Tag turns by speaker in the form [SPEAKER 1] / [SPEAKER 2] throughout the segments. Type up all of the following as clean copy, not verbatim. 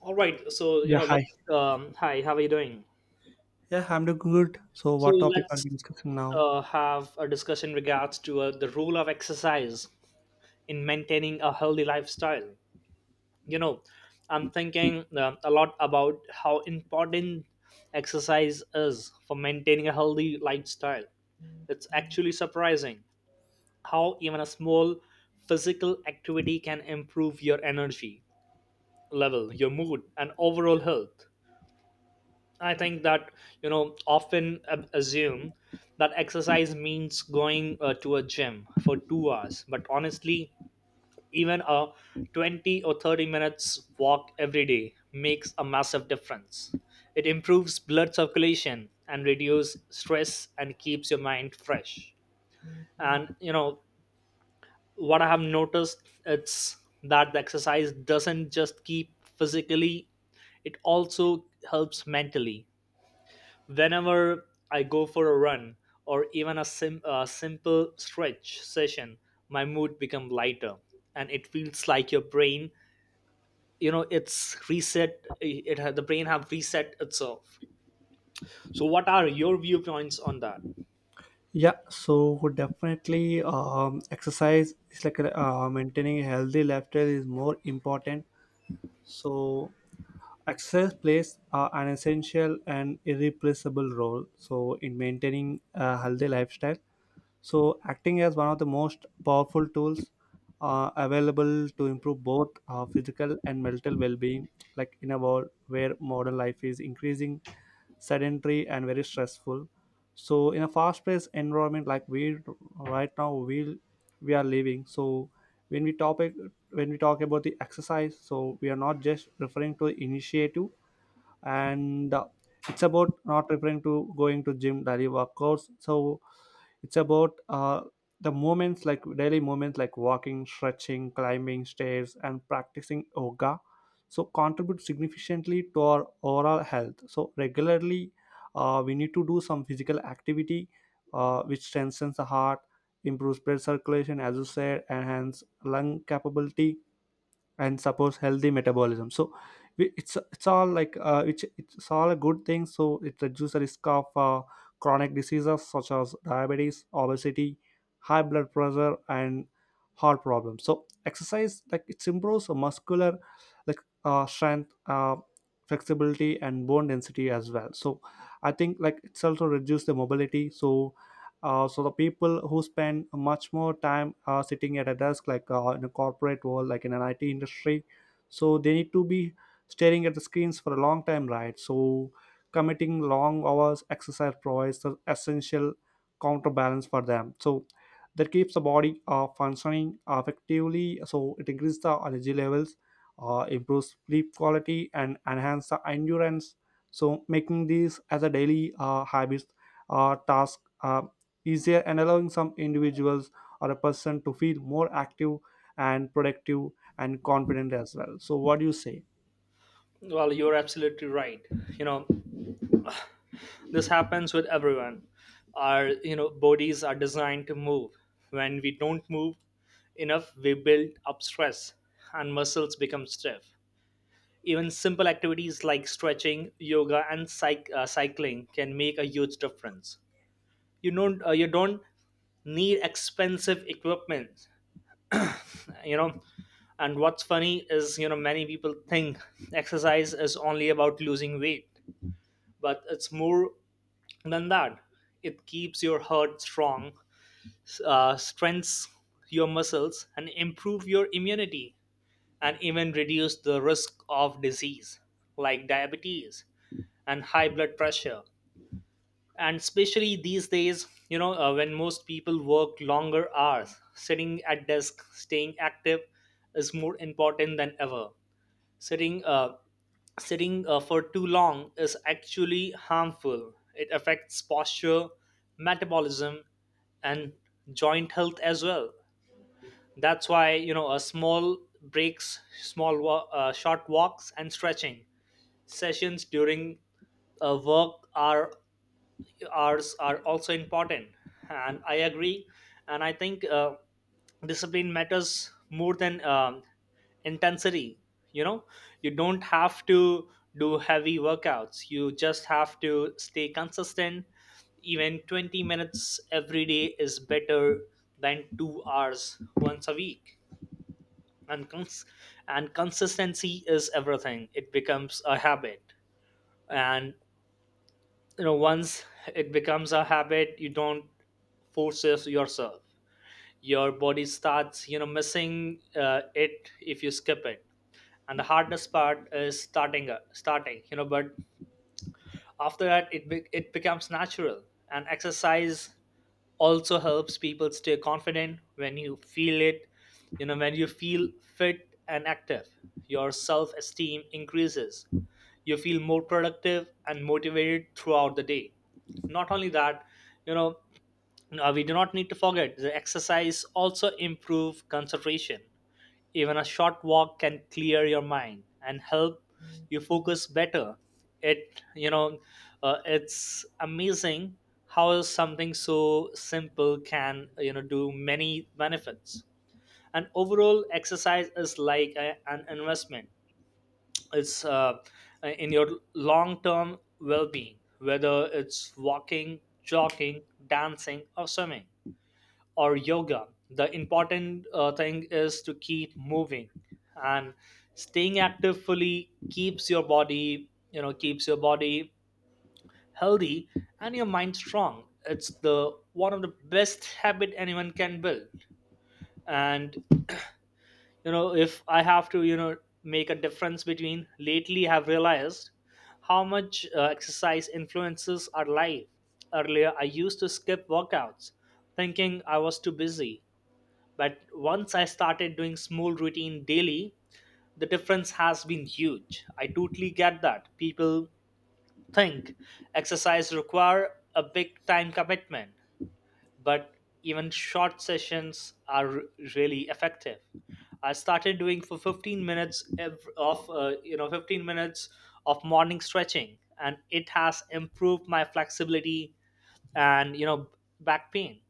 [SPEAKER 1] All right, so you
[SPEAKER 2] Yeah,
[SPEAKER 1] know,
[SPEAKER 2] hi.
[SPEAKER 1] let's. Hi, how are you doing?
[SPEAKER 2] Yeah, I'm doing good. So,
[SPEAKER 1] So
[SPEAKER 2] what topic are
[SPEAKER 1] let's
[SPEAKER 2] we discussing now?
[SPEAKER 1] uh, have a discussion regards to the role of exercise in maintaining a healthy lifestyle. You know, I'm thinking a lot about how important exercise is for maintaining a healthy lifestyle. It's actually surprising how even a small physical activity can improve your energy level, your mood, and overall health. I think that assume that exercise means going to a gym for 2 hours, but honestly even a 20 or 30 minutes walk every day makes a massive difference. It improves blood circulation and reduces stress and keeps your mind fresh. And you know what, I have noticed it's that the exercise doesn't just keep physically, it also helps mentally. Whenever I go for a run or a simple stretch session, my mood becomes lighter, and it feels like your brain, you know, it's reset. It ha- the brain have reset itself. So, what are your viewpoints on that?
[SPEAKER 2] Yeah, so definitely, exercise is like maintaining a healthy lifestyle is more important. So, exercise plays an essential and irreplaceable role, so in maintaining a healthy lifestyle. So acting as one of the most powerful tools available to improve both physical and mental well-being, like in a world where modern life is increasing sedentary and very stressful. So in a fast-paced environment, like we right now, we are living. So when we topic when we talk about the exercise, so we are not just referring to initiative and it's about not referring to going to gym daily workouts. So it's about the moments, like daily moments, like walking, stretching, climbing stairs, and practicing yoga, so contribute significantly to our overall health. So regularly, we need to do some physical activity, which strengthens the heart, improves blood circulation, as you said, enhance lung capability, and suppose healthy metabolism. So it's all, like, it's all a good thing. So it reduces the risk of chronic diseases such as diabetes, obesity, high blood pressure, and heart problems. So exercise, like, it improves the muscular, like, strength, flexibility, and bone density as well. So I think, like, it's also reduce the mobility. So so the people who spend much more time sitting at a desk, like in a corporate world, like in an IT industry, so they need to be staring at the screens for a long time, right? So committing long hours, exercise provides the essential counterbalance for them. So that keeps the body functioning effectively. So it increases the energy levels, improves sleep quality, and enhance the endurance. So making these as a daily habit, task easier, and allowing some individuals or a person to feel more active and productive and confident as well. So what do you say?
[SPEAKER 1] Well, you're absolutely right. You know, this happens with everyone. Our bodies are designed to move. When we don't move enough, we build up stress, and muscles become stiff. Even simple activities like stretching, yoga, and cycling can make a huge difference. You don't need expensive equipment, you know. And what's funny is, many people think exercise is only about losing weight, but it's more than that. It keeps your heart strong, strengthens your muscles, and improve your immunity, and even reduce the risk of disease like diabetes and high blood pressure. And especially these days, when most people work longer hours sitting at desk, staying active is more important than ever. Sitting uh, sitting uh, for too long is actually harmful. It affects posture, metabolism, and joint health as well. That's why, you know, a small breaks, short walks and stretching sessions during a work are hours are also important. And I agree, and I think discipline matters more than intensity. you know you don't have to do heavy workouts, you just have to stay consistent. Even 20 minutes every day is better than 2 hours once a week. and cons- and consistency is everything. It becomes a habit, and once it becomes a habit, you don't force yourself. Your body starts, you know, missing it if you skip it. And the hardest part is starting, but after that, it becomes natural. And exercise also helps people stay confident. When you feel it you know when you feel fit and active, your self esteem increases. You feel more productive and motivated throughout the day. Not only that, you know we do not need to forget the exercise also improve concentration. Even a short walk can clear your mind and help you focus better. It you know It's amazing how something so simple can do many benefits. And overall, exercise is like an investment. It's in your long-term well-being, whether it's walking, jogging, dancing, or swimming or yoga. The important thing is to keep moving and staying active fully. Keeps your body, keeps your body healthy and your mind strong. It's the one of the best habit anyone can build. And if I have to make a difference between, lately I've realized how much exercise influences our life. Earlier I used to skip workouts thinking I was too busy. But once I started doing small routine daily, the difference has been huge. I totally get that. People think exercise require a big time commitment, but even short sessions are really effective. I started doing for 15 minutes of morning stretching and it has improved my flexibility and back pain.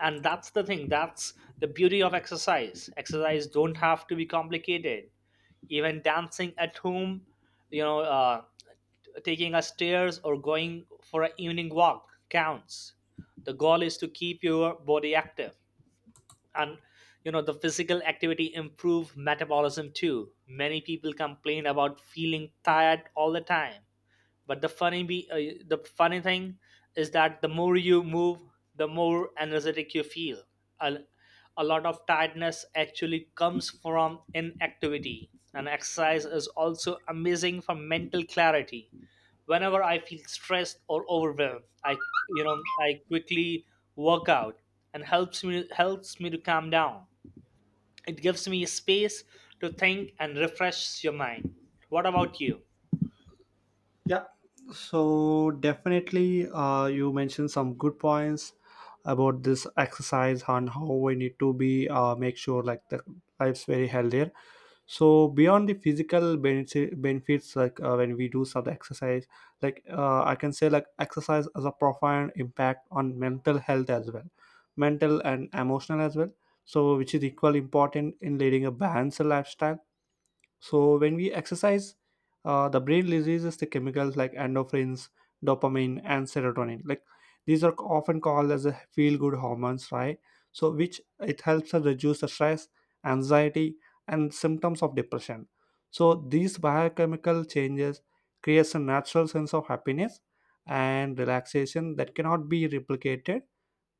[SPEAKER 1] And that's the beauty of exercise. Exercise don't have to be complicated. Even dancing at home, you know uh, taking a stairs or going for an evening walk counts. The goal is to keep your body active. And the physical activity improve metabolism. Too many people complain about feeling tired all the time, but the funny thing is that the more you move, the more energetic you feel. A, a lot of tiredness actually comes from inactivity, and exercise is also amazing for mental clarity. Whenever I feel stressed or overwhelmed, I you know I quickly work out, and helps me to calm down. It gives me space to think and refresh your mind. What about you?
[SPEAKER 2] Yeah, so definitely, you mentioned some good points about this exercise and how we need to be make sure like the life's very healthier. So beyond the physical benefits, like when we do some exercise, like I can say like exercise has a profound impact on mental health as well, mental and emotional as well. So which is equally important in leading a balanced lifestyle. So when we exercise, the brain releases the chemicals like endorphins, dopamine, and serotonin. Like these are often called as a feel-good hormones, right? So which it helps us reduce the stress, anxiety, and symptoms of depression. So these biochemical changes creates a natural sense of happiness and relaxation that cannot be replicated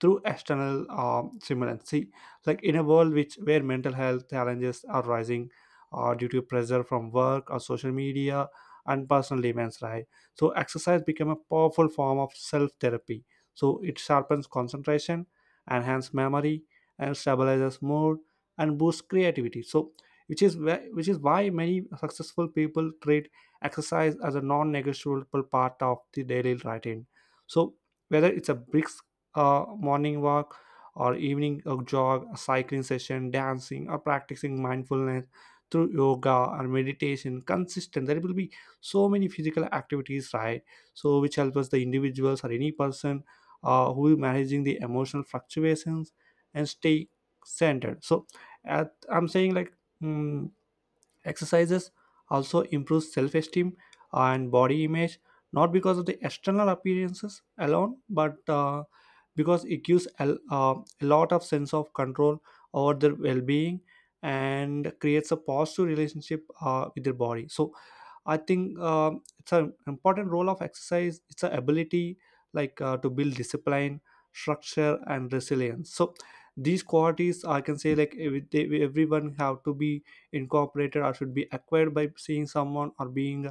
[SPEAKER 2] through external stimulants. See, like in a world which where mental health challenges are rising due to pressure from work or social media and personal demands, right? So exercise become a powerful form of self therapy. So it sharpens concentration, enhances memory, and stabilizes mood and boosts creativity. So which is why many successful people treat exercise as a non-negotiable part of the daily routine. So whether it's a brisk a morning walk or evening a jog, a cycling session, dancing, or practicing mindfulness through yoga or meditation consistent, there will be so many physical activities, right? So which help us the individuals or any person who is managing the emotional fluctuations and stay centered. So I'm saying like mm exercises also improve self esteem and body image, not because of the external appearances alone, but because it gives a lot of sense of control over their well being and creates a positive relationship with their body. So, I think it's an important role of exercise. It's an ability, like, to build discipline, structure, and resilience. So these qualities, I can say, like everyone have to be incorporated or should be acquired by seeing someone or being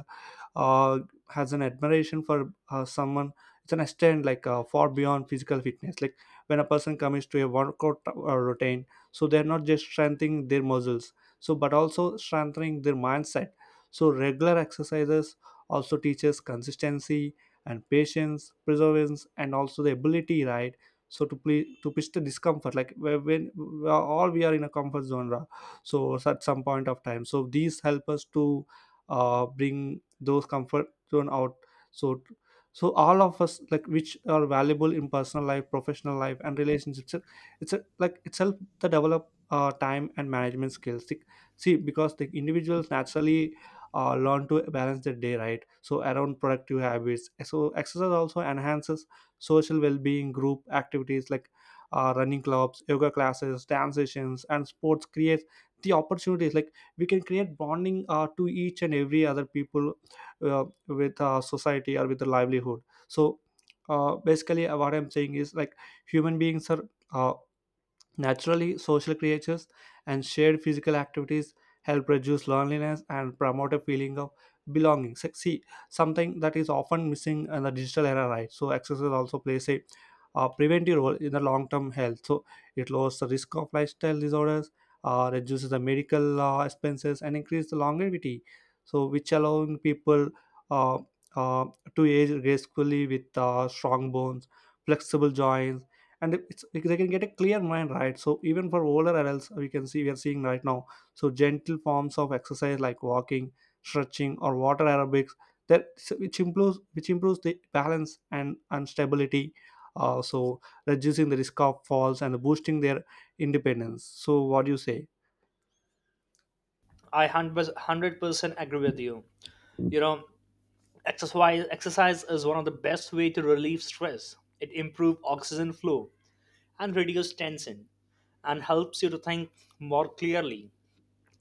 [SPEAKER 2] uh, has an admiration for someone. It's an extent, like far beyond physical fitness. Like when a person commits to a workout routine, so they're not just strengthening their muscles, so but also strengthening their mindset. So regular exercises also teaches consistency and patience, perseverance, and also the ability, right? So to push the discomfort, like when all we are in a comfort zone so at some point of time, so these help us to bring those comfort zone out. So, so all of us, like, which are valuable in personal life, professional life, and relationships. It's a, it's a, like itself the develop time and management skills. See see, because the individuals naturally learn to balance their day, right? So around productive habits, so exercise also enhances social well-being. Group activities like running clubs, yoga classes, dance sessions, and sports creates the opportunities, like we can create bonding to each and every other people with society or with the livelihood. So basically what I'm saying is like human beings are uh, naturally social creatures, and shared physical activities help reduce loneliness and promote a feeling of belonging. See, something that is often missing in the digital era, right? So, exercise also plays a preventive role in the long term health. So, it lowers the risk of lifestyle disorders, reduces the medical expenses, and increases the longevity. So, which allowing people uh, uh, to age gracefully with strong bones, flexible joints, and it's, they can get a clear mind, right? So even for older adults, we can see we are seeing right now. So gentle forms of exercise like walking, stretching, or water aerobics that which improves the balance and stability, so reducing the risk of falls and boosting their independence. So what do you say?
[SPEAKER 1] I 100% agree with you. You know, exercise is one of the best way to relieve stress. It improves oxygen flow and reduce tension, and helps you to think more clearly.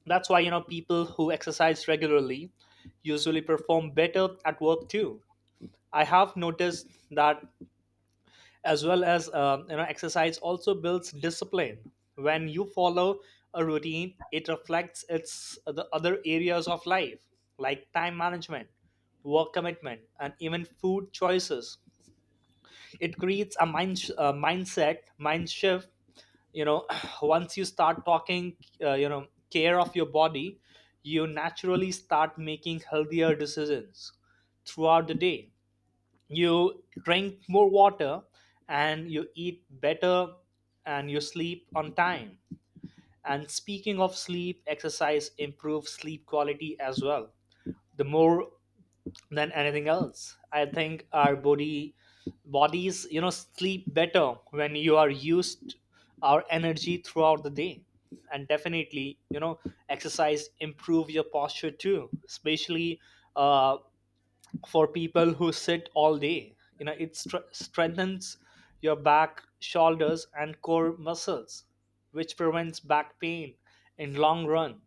[SPEAKER 1] That's why, people who exercise regularly usually perform better at work too. I have noticed that as well. As exercise also builds discipline. When you follow a routine, it reflects its the other areas of life like time management, work commitment, and even food choices. It creates a mind sh- mindset mind shift. You know, once you start talking care of your body, you naturally start making healthier decisions throughout the day. You drink more water, and you eat better, and you sleep on time. And speaking of sleep, exercise improves sleep quality as well. The more than anything else, I think our body bodies sleep better when you are used our energy throughout the day. And definitely, exercise improve your posture too, especially uh, for people who sit all day. You know, it strengthens your back, shoulders, and core muscles, which prevents back pain in long run.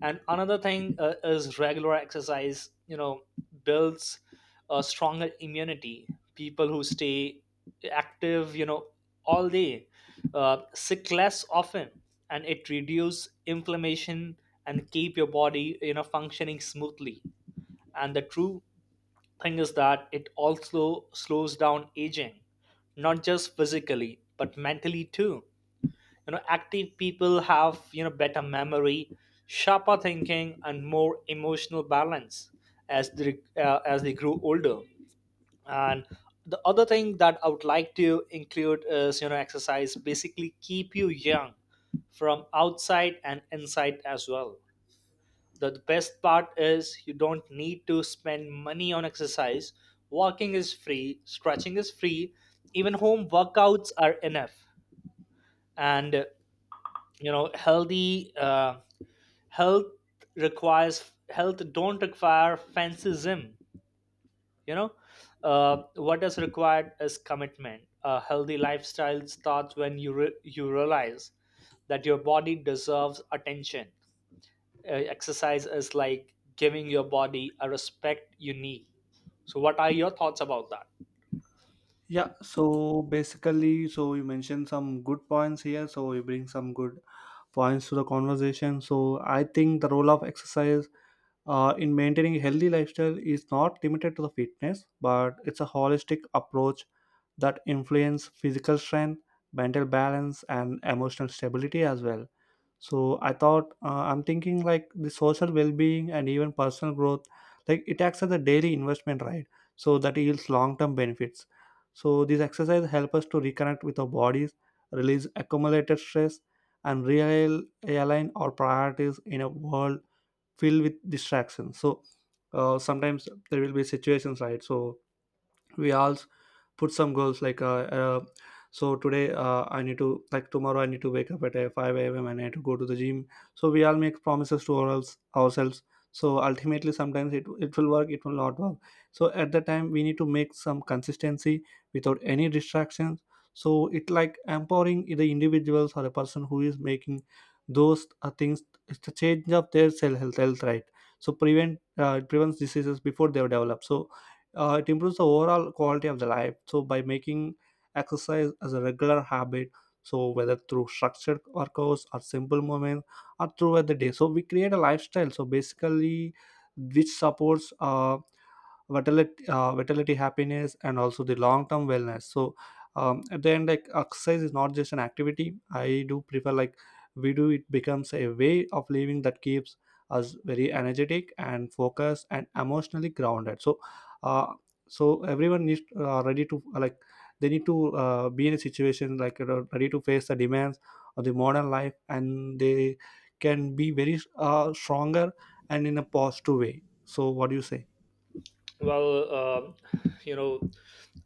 [SPEAKER 1] And another thing is regular exercise. Builds a stronger immunity. People who stay active, all day, sick less often, and it reduces inflammation and keep your body, functioning smoothly. And the true thing is that it also slows down aging, not just physically, but mentally too. You know, active people have, better memory, sharper thinking, and more emotional balance as as they grow older. And the other thing that I would like to include is, exercise basically keep you young from outside and inside as well. The best part is you don't need to spend money on exercise. Walking is free, stretching is free, even home workouts are enough. And you know, healthy health requires health don't require fancy gym. You know, what is required is commitment. A healthy lifestyle starts when you realize that your body deserves attention. Exercise is like giving your body a respect you need. So what are your thoughts about that?
[SPEAKER 2] Yeah, so basically, so you mentioned some good points here. So you bring some good points to the conversation. So I think the role of exercise in maintaining a healthy lifestyle is not limited to the fitness, but it's a holistic approach that influences physical strength, mental balance, and emotional stability as well. So I thought, I'm thinking like the social well-being and even personal growth, like it acts as a daily investment, right? So that yields long-term benefits. So these exercises help us to reconnect with our bodies, release accumulated stress, and real align our priorities in a world filled with distractions. So sometimes there will be situations, right? So we all put some goals, like so today, I need to, like tomorrow I need to wake up at 5 a.m. and I need to go to the gym. So we all make promises to ourselves, so ultimately sometimes it will work, it will not work. So at that time we need to make some consistency without any distractions. So it, like, empowering the individuals or a person who is making those things, it's the change of their cell health, right? So prevent it prevents diseases before they develop. So it improves the overall quality of the life. So by making exercise as a regular habit, so whether through structured workouts or simple movements or throughout the day, so we create a lifestyle, so basically which supports vitality, happiness, and also the long term wellness. So at the end, like exercise is not just an activity I do prefer, like we do, it becomes a way of living that keeps us very energetic and focused and emotionally grounded. So uh, so everyone needs ready to, like they need to, be in a situation like, you know, ready to face the demands of the modern life, and they can be very stronger and in a positive way. So what do you say?
[SPEAKER 1] Well, you know,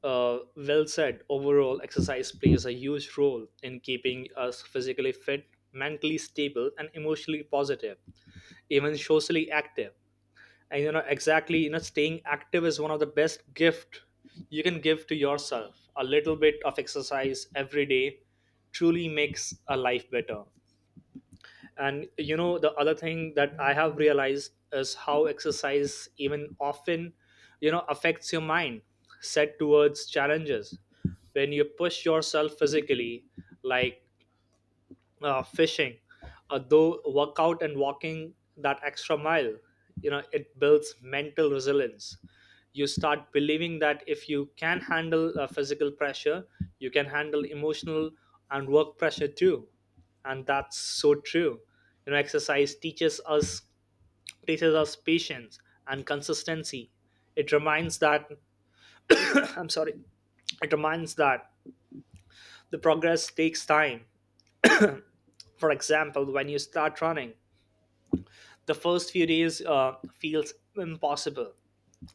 [SPEAKER 1] uh, well said. Overall, exercise plays a huge role in keeping us physically fit, mentally stable, and emotionally positive, even socially active. And exactly, staying active is one of the best gift you can give to yourself. A little bit of exercise every day truly makes a life better. And the other thing that I have realized is how exercise even often affects your mind set towards challenges. When you push yourself physically, like fishing, though workout and walking that extra mile, you know, it builds mental resilience. You start believing that if you can handle physical pressure, you can handle emotional and work pressure too, and that's so true. You know, exercise teaches us patience and consistency. It reminds that I'm sorry. It reminds that the progress takes time. For example, when you start running, the first few days feels impossible,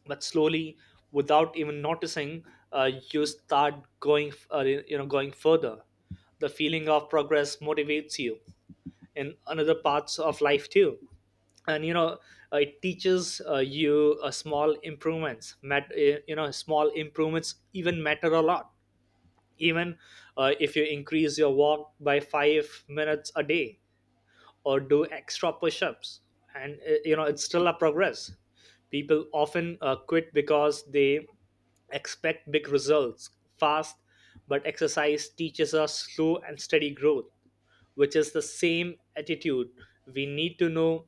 [SPEAKER 1] but slowly, without even noticing, you start going further. The feeling of progress motivates you in another parts of life too, and it teaches you small improvements. Mat- you know, small improvements even matter a lot. Even if you increase your walk by 5 minutes a day or do extra push-ups, and it's still a progress. People often quit because they expect big results fast, but exercise teaches us slow and steady growth, which is the same attitude we need to know,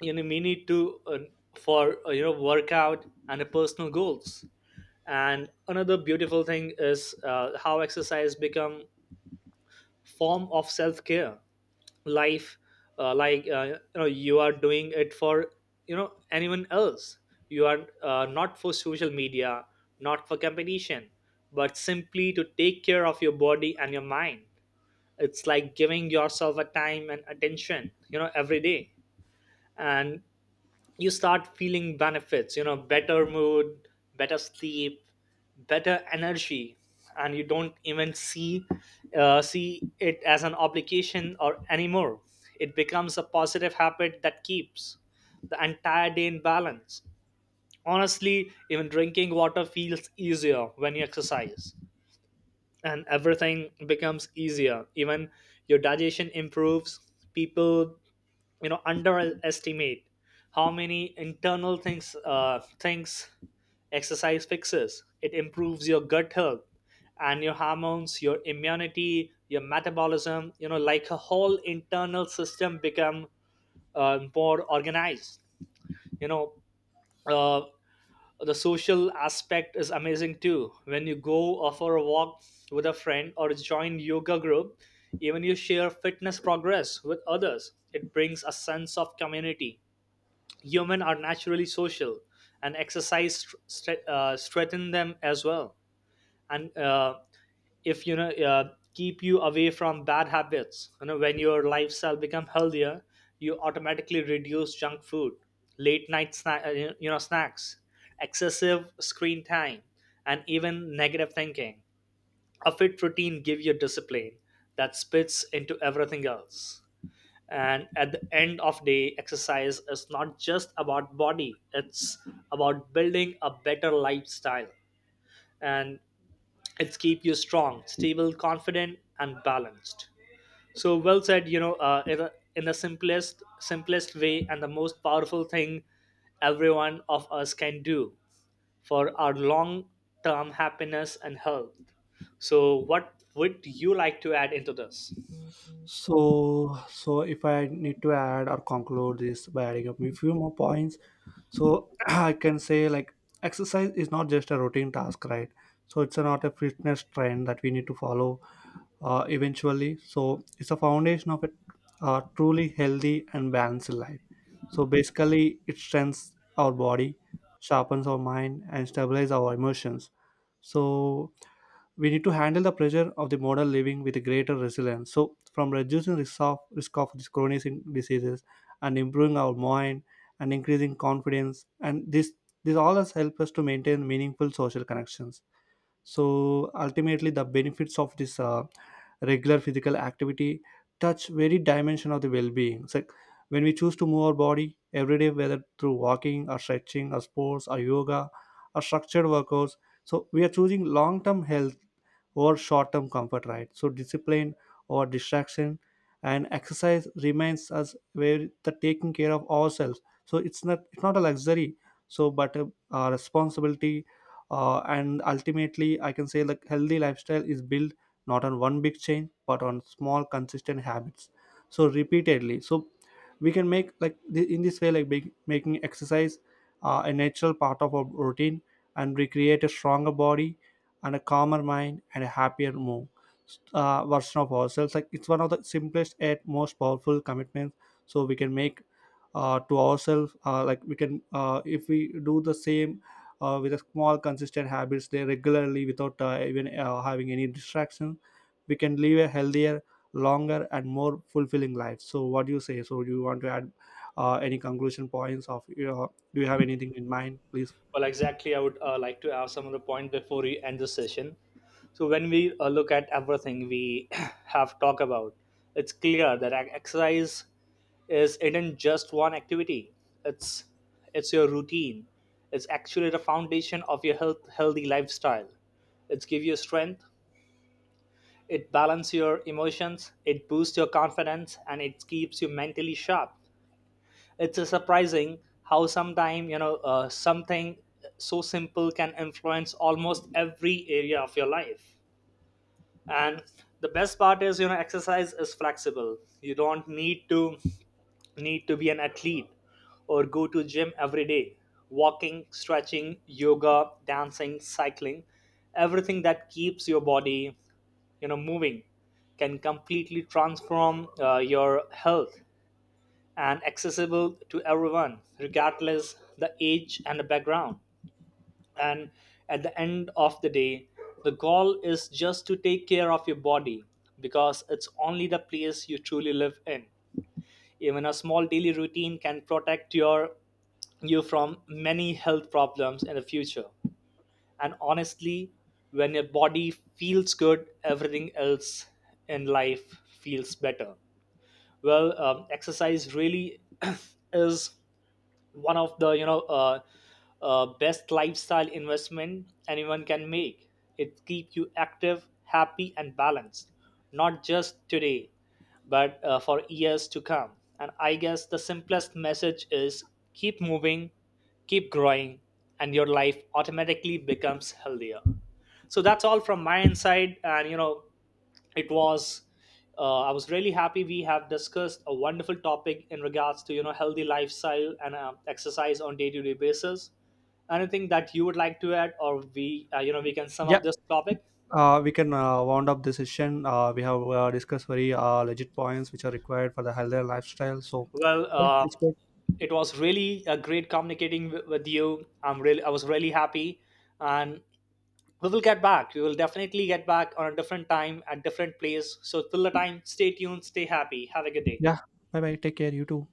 [SPEAKER 1] you know, we need to for workout and the personal goals. And another beautiful thing is how exercise become form of self-care life. Like, you are doing it for, you know, anyone else. You are not for social media, not for competition, but simply to take care of your body and your mind. It's like giving yourself a time and attention, you know, every day. And you start feeling benefits, you know, better mood, better sleep, better energy. And you don't even see it as an obligation or anymore. It becomes a positive habit that keeps the entire day in balance. Honestly, even drinking water feels easier when you exercise, and everything becomes easier. Even your digestion improves. People, you know, underestimate how many internal things exercise fixes. It improves your gut health and your hormones, your immunity, your metabolism, you know, like a whole internal system become more organized, you know. uh, the social aspect is amazing too when you go or for a walk with a friend or join yoga group. Even you share fitness progress with others, it brings a sense of community. Humans are naturally social, and exercise strengthen them as well. And if keep you away from bad habits. When your lifestyle become healthier, you automatically reduce junk food, late night snacks, excessive screen time, and even negative thinking. A fit routine give you discipline that spits into everything else, and at the end of day, exercise is not just about body, it's about building a better lifestyle, and it's keep you strong, stable, confident, and balanced. So well said, you know, in the simplest way and the most powerful thing everyone of us can do for our long term happiness and health. So what would you like to add into this?
[SPEAKER 2] So, so if I need to add or conclude this by adding up a few more points, so I can say like exercise is not just a routine task, right? So it's not a fitness trend that we need to follow eventually. So it's a foundation of a truly healthy and balanced life. So basically, it strengthens our body, sharpens our mind, and stabilizes our emotions. So we need to handle the pressure of the modern living with a greater resilience. So, from reducing risk of these chronic diseases and improving our mind and increasing confidence, and this all has helped us to maintain meaningful social connections. So ultimately the benefits of this regular physical activity touch very dimension of the well-being. So when we choose to move our body every day, whether through walking or stretching or sports or yoga or structured workouts, so we are choosing long-term health or short-term comfort, right? So discipline or distraction, and exercise remains us where the taking care of ourselves. So it's not a luxury, so but a responsibility. And ultimately, I can say like healthy lifestyle is built not on one big change but on small consistent habits, so repeatedly. So we can make, like in this way, like big, making exercise a natural part of our routine, and we create a stronger body and a calmer mind and a happier move version of ourselves. Like it's one of the simplest yet most powerful commitments so we can make to ourselves, like we can, if we do the same with a small consistent habits there regularly without even having any distraction, we can live a healthier, longer, and more fulfilling life. So what do you say? So do you want to add any conclusion points of your? Do you have anything in mind, please?
[SPEAKER 1] Well, exactly. I would like to have some other point before we end the session. So when we look at everything we have talked about, it's clear that exercise is isn't just one activity. It's it's your routine. It's actually the foundation of your healthy lifestyle. It gives you strength. It balances your emotions. It boosts your confidence, and it keeps you mentally sharp. It's surprising how sometime, you know, something so simple can influence almost every area of your life. And the best part is, you know, exercise is flexible. You don't need to be an athlete or go to gym every day. Walking, stretching, yoga, dancing, cycling, everything that keeps your body, you know, moving can completely transform your health and accessible to everyone regardless the age and the background, and at the end of the day, the goal is just to take care of your body, because it's only the place you truly live in. Even a small daily routine can protect you from many health problems in the future. And honestly, when your body feels good, everything else in life feels better. Well, exercise really is one of the, you know, best lifestyle investment anyone can make. It keeps you active, happy, and balanced, not just today, but for years to come. And I guess the simplest message is keep moving, keep growing, and your life automatically becomes healthier. So that's all from my inside, and, you know, it was I was really happy we have discussed a wonderful topic in regards to, you know, healthy lifestyle and exercise on day-to-day basis. Anything that you would like to add, or we we can sum
[SPEAKER 2] Yeah,
[SPEAKER 1] up this topic?
[SPEAKER 2] we can wound up this session. We have discussed very legit points which are required for the healthier lifestyle, so
[SPEAKER 1] Well,
[SPEAKER 2] yeah, it's good.
[SPEAKER 1] it was really a great communicating with you. I was really happy, and we will definitely get back on a different time at different place. So till the time, stay tuned, stay happy, have a good day.
[SPEAKER 2] Yeah, bye bye, take care, you too.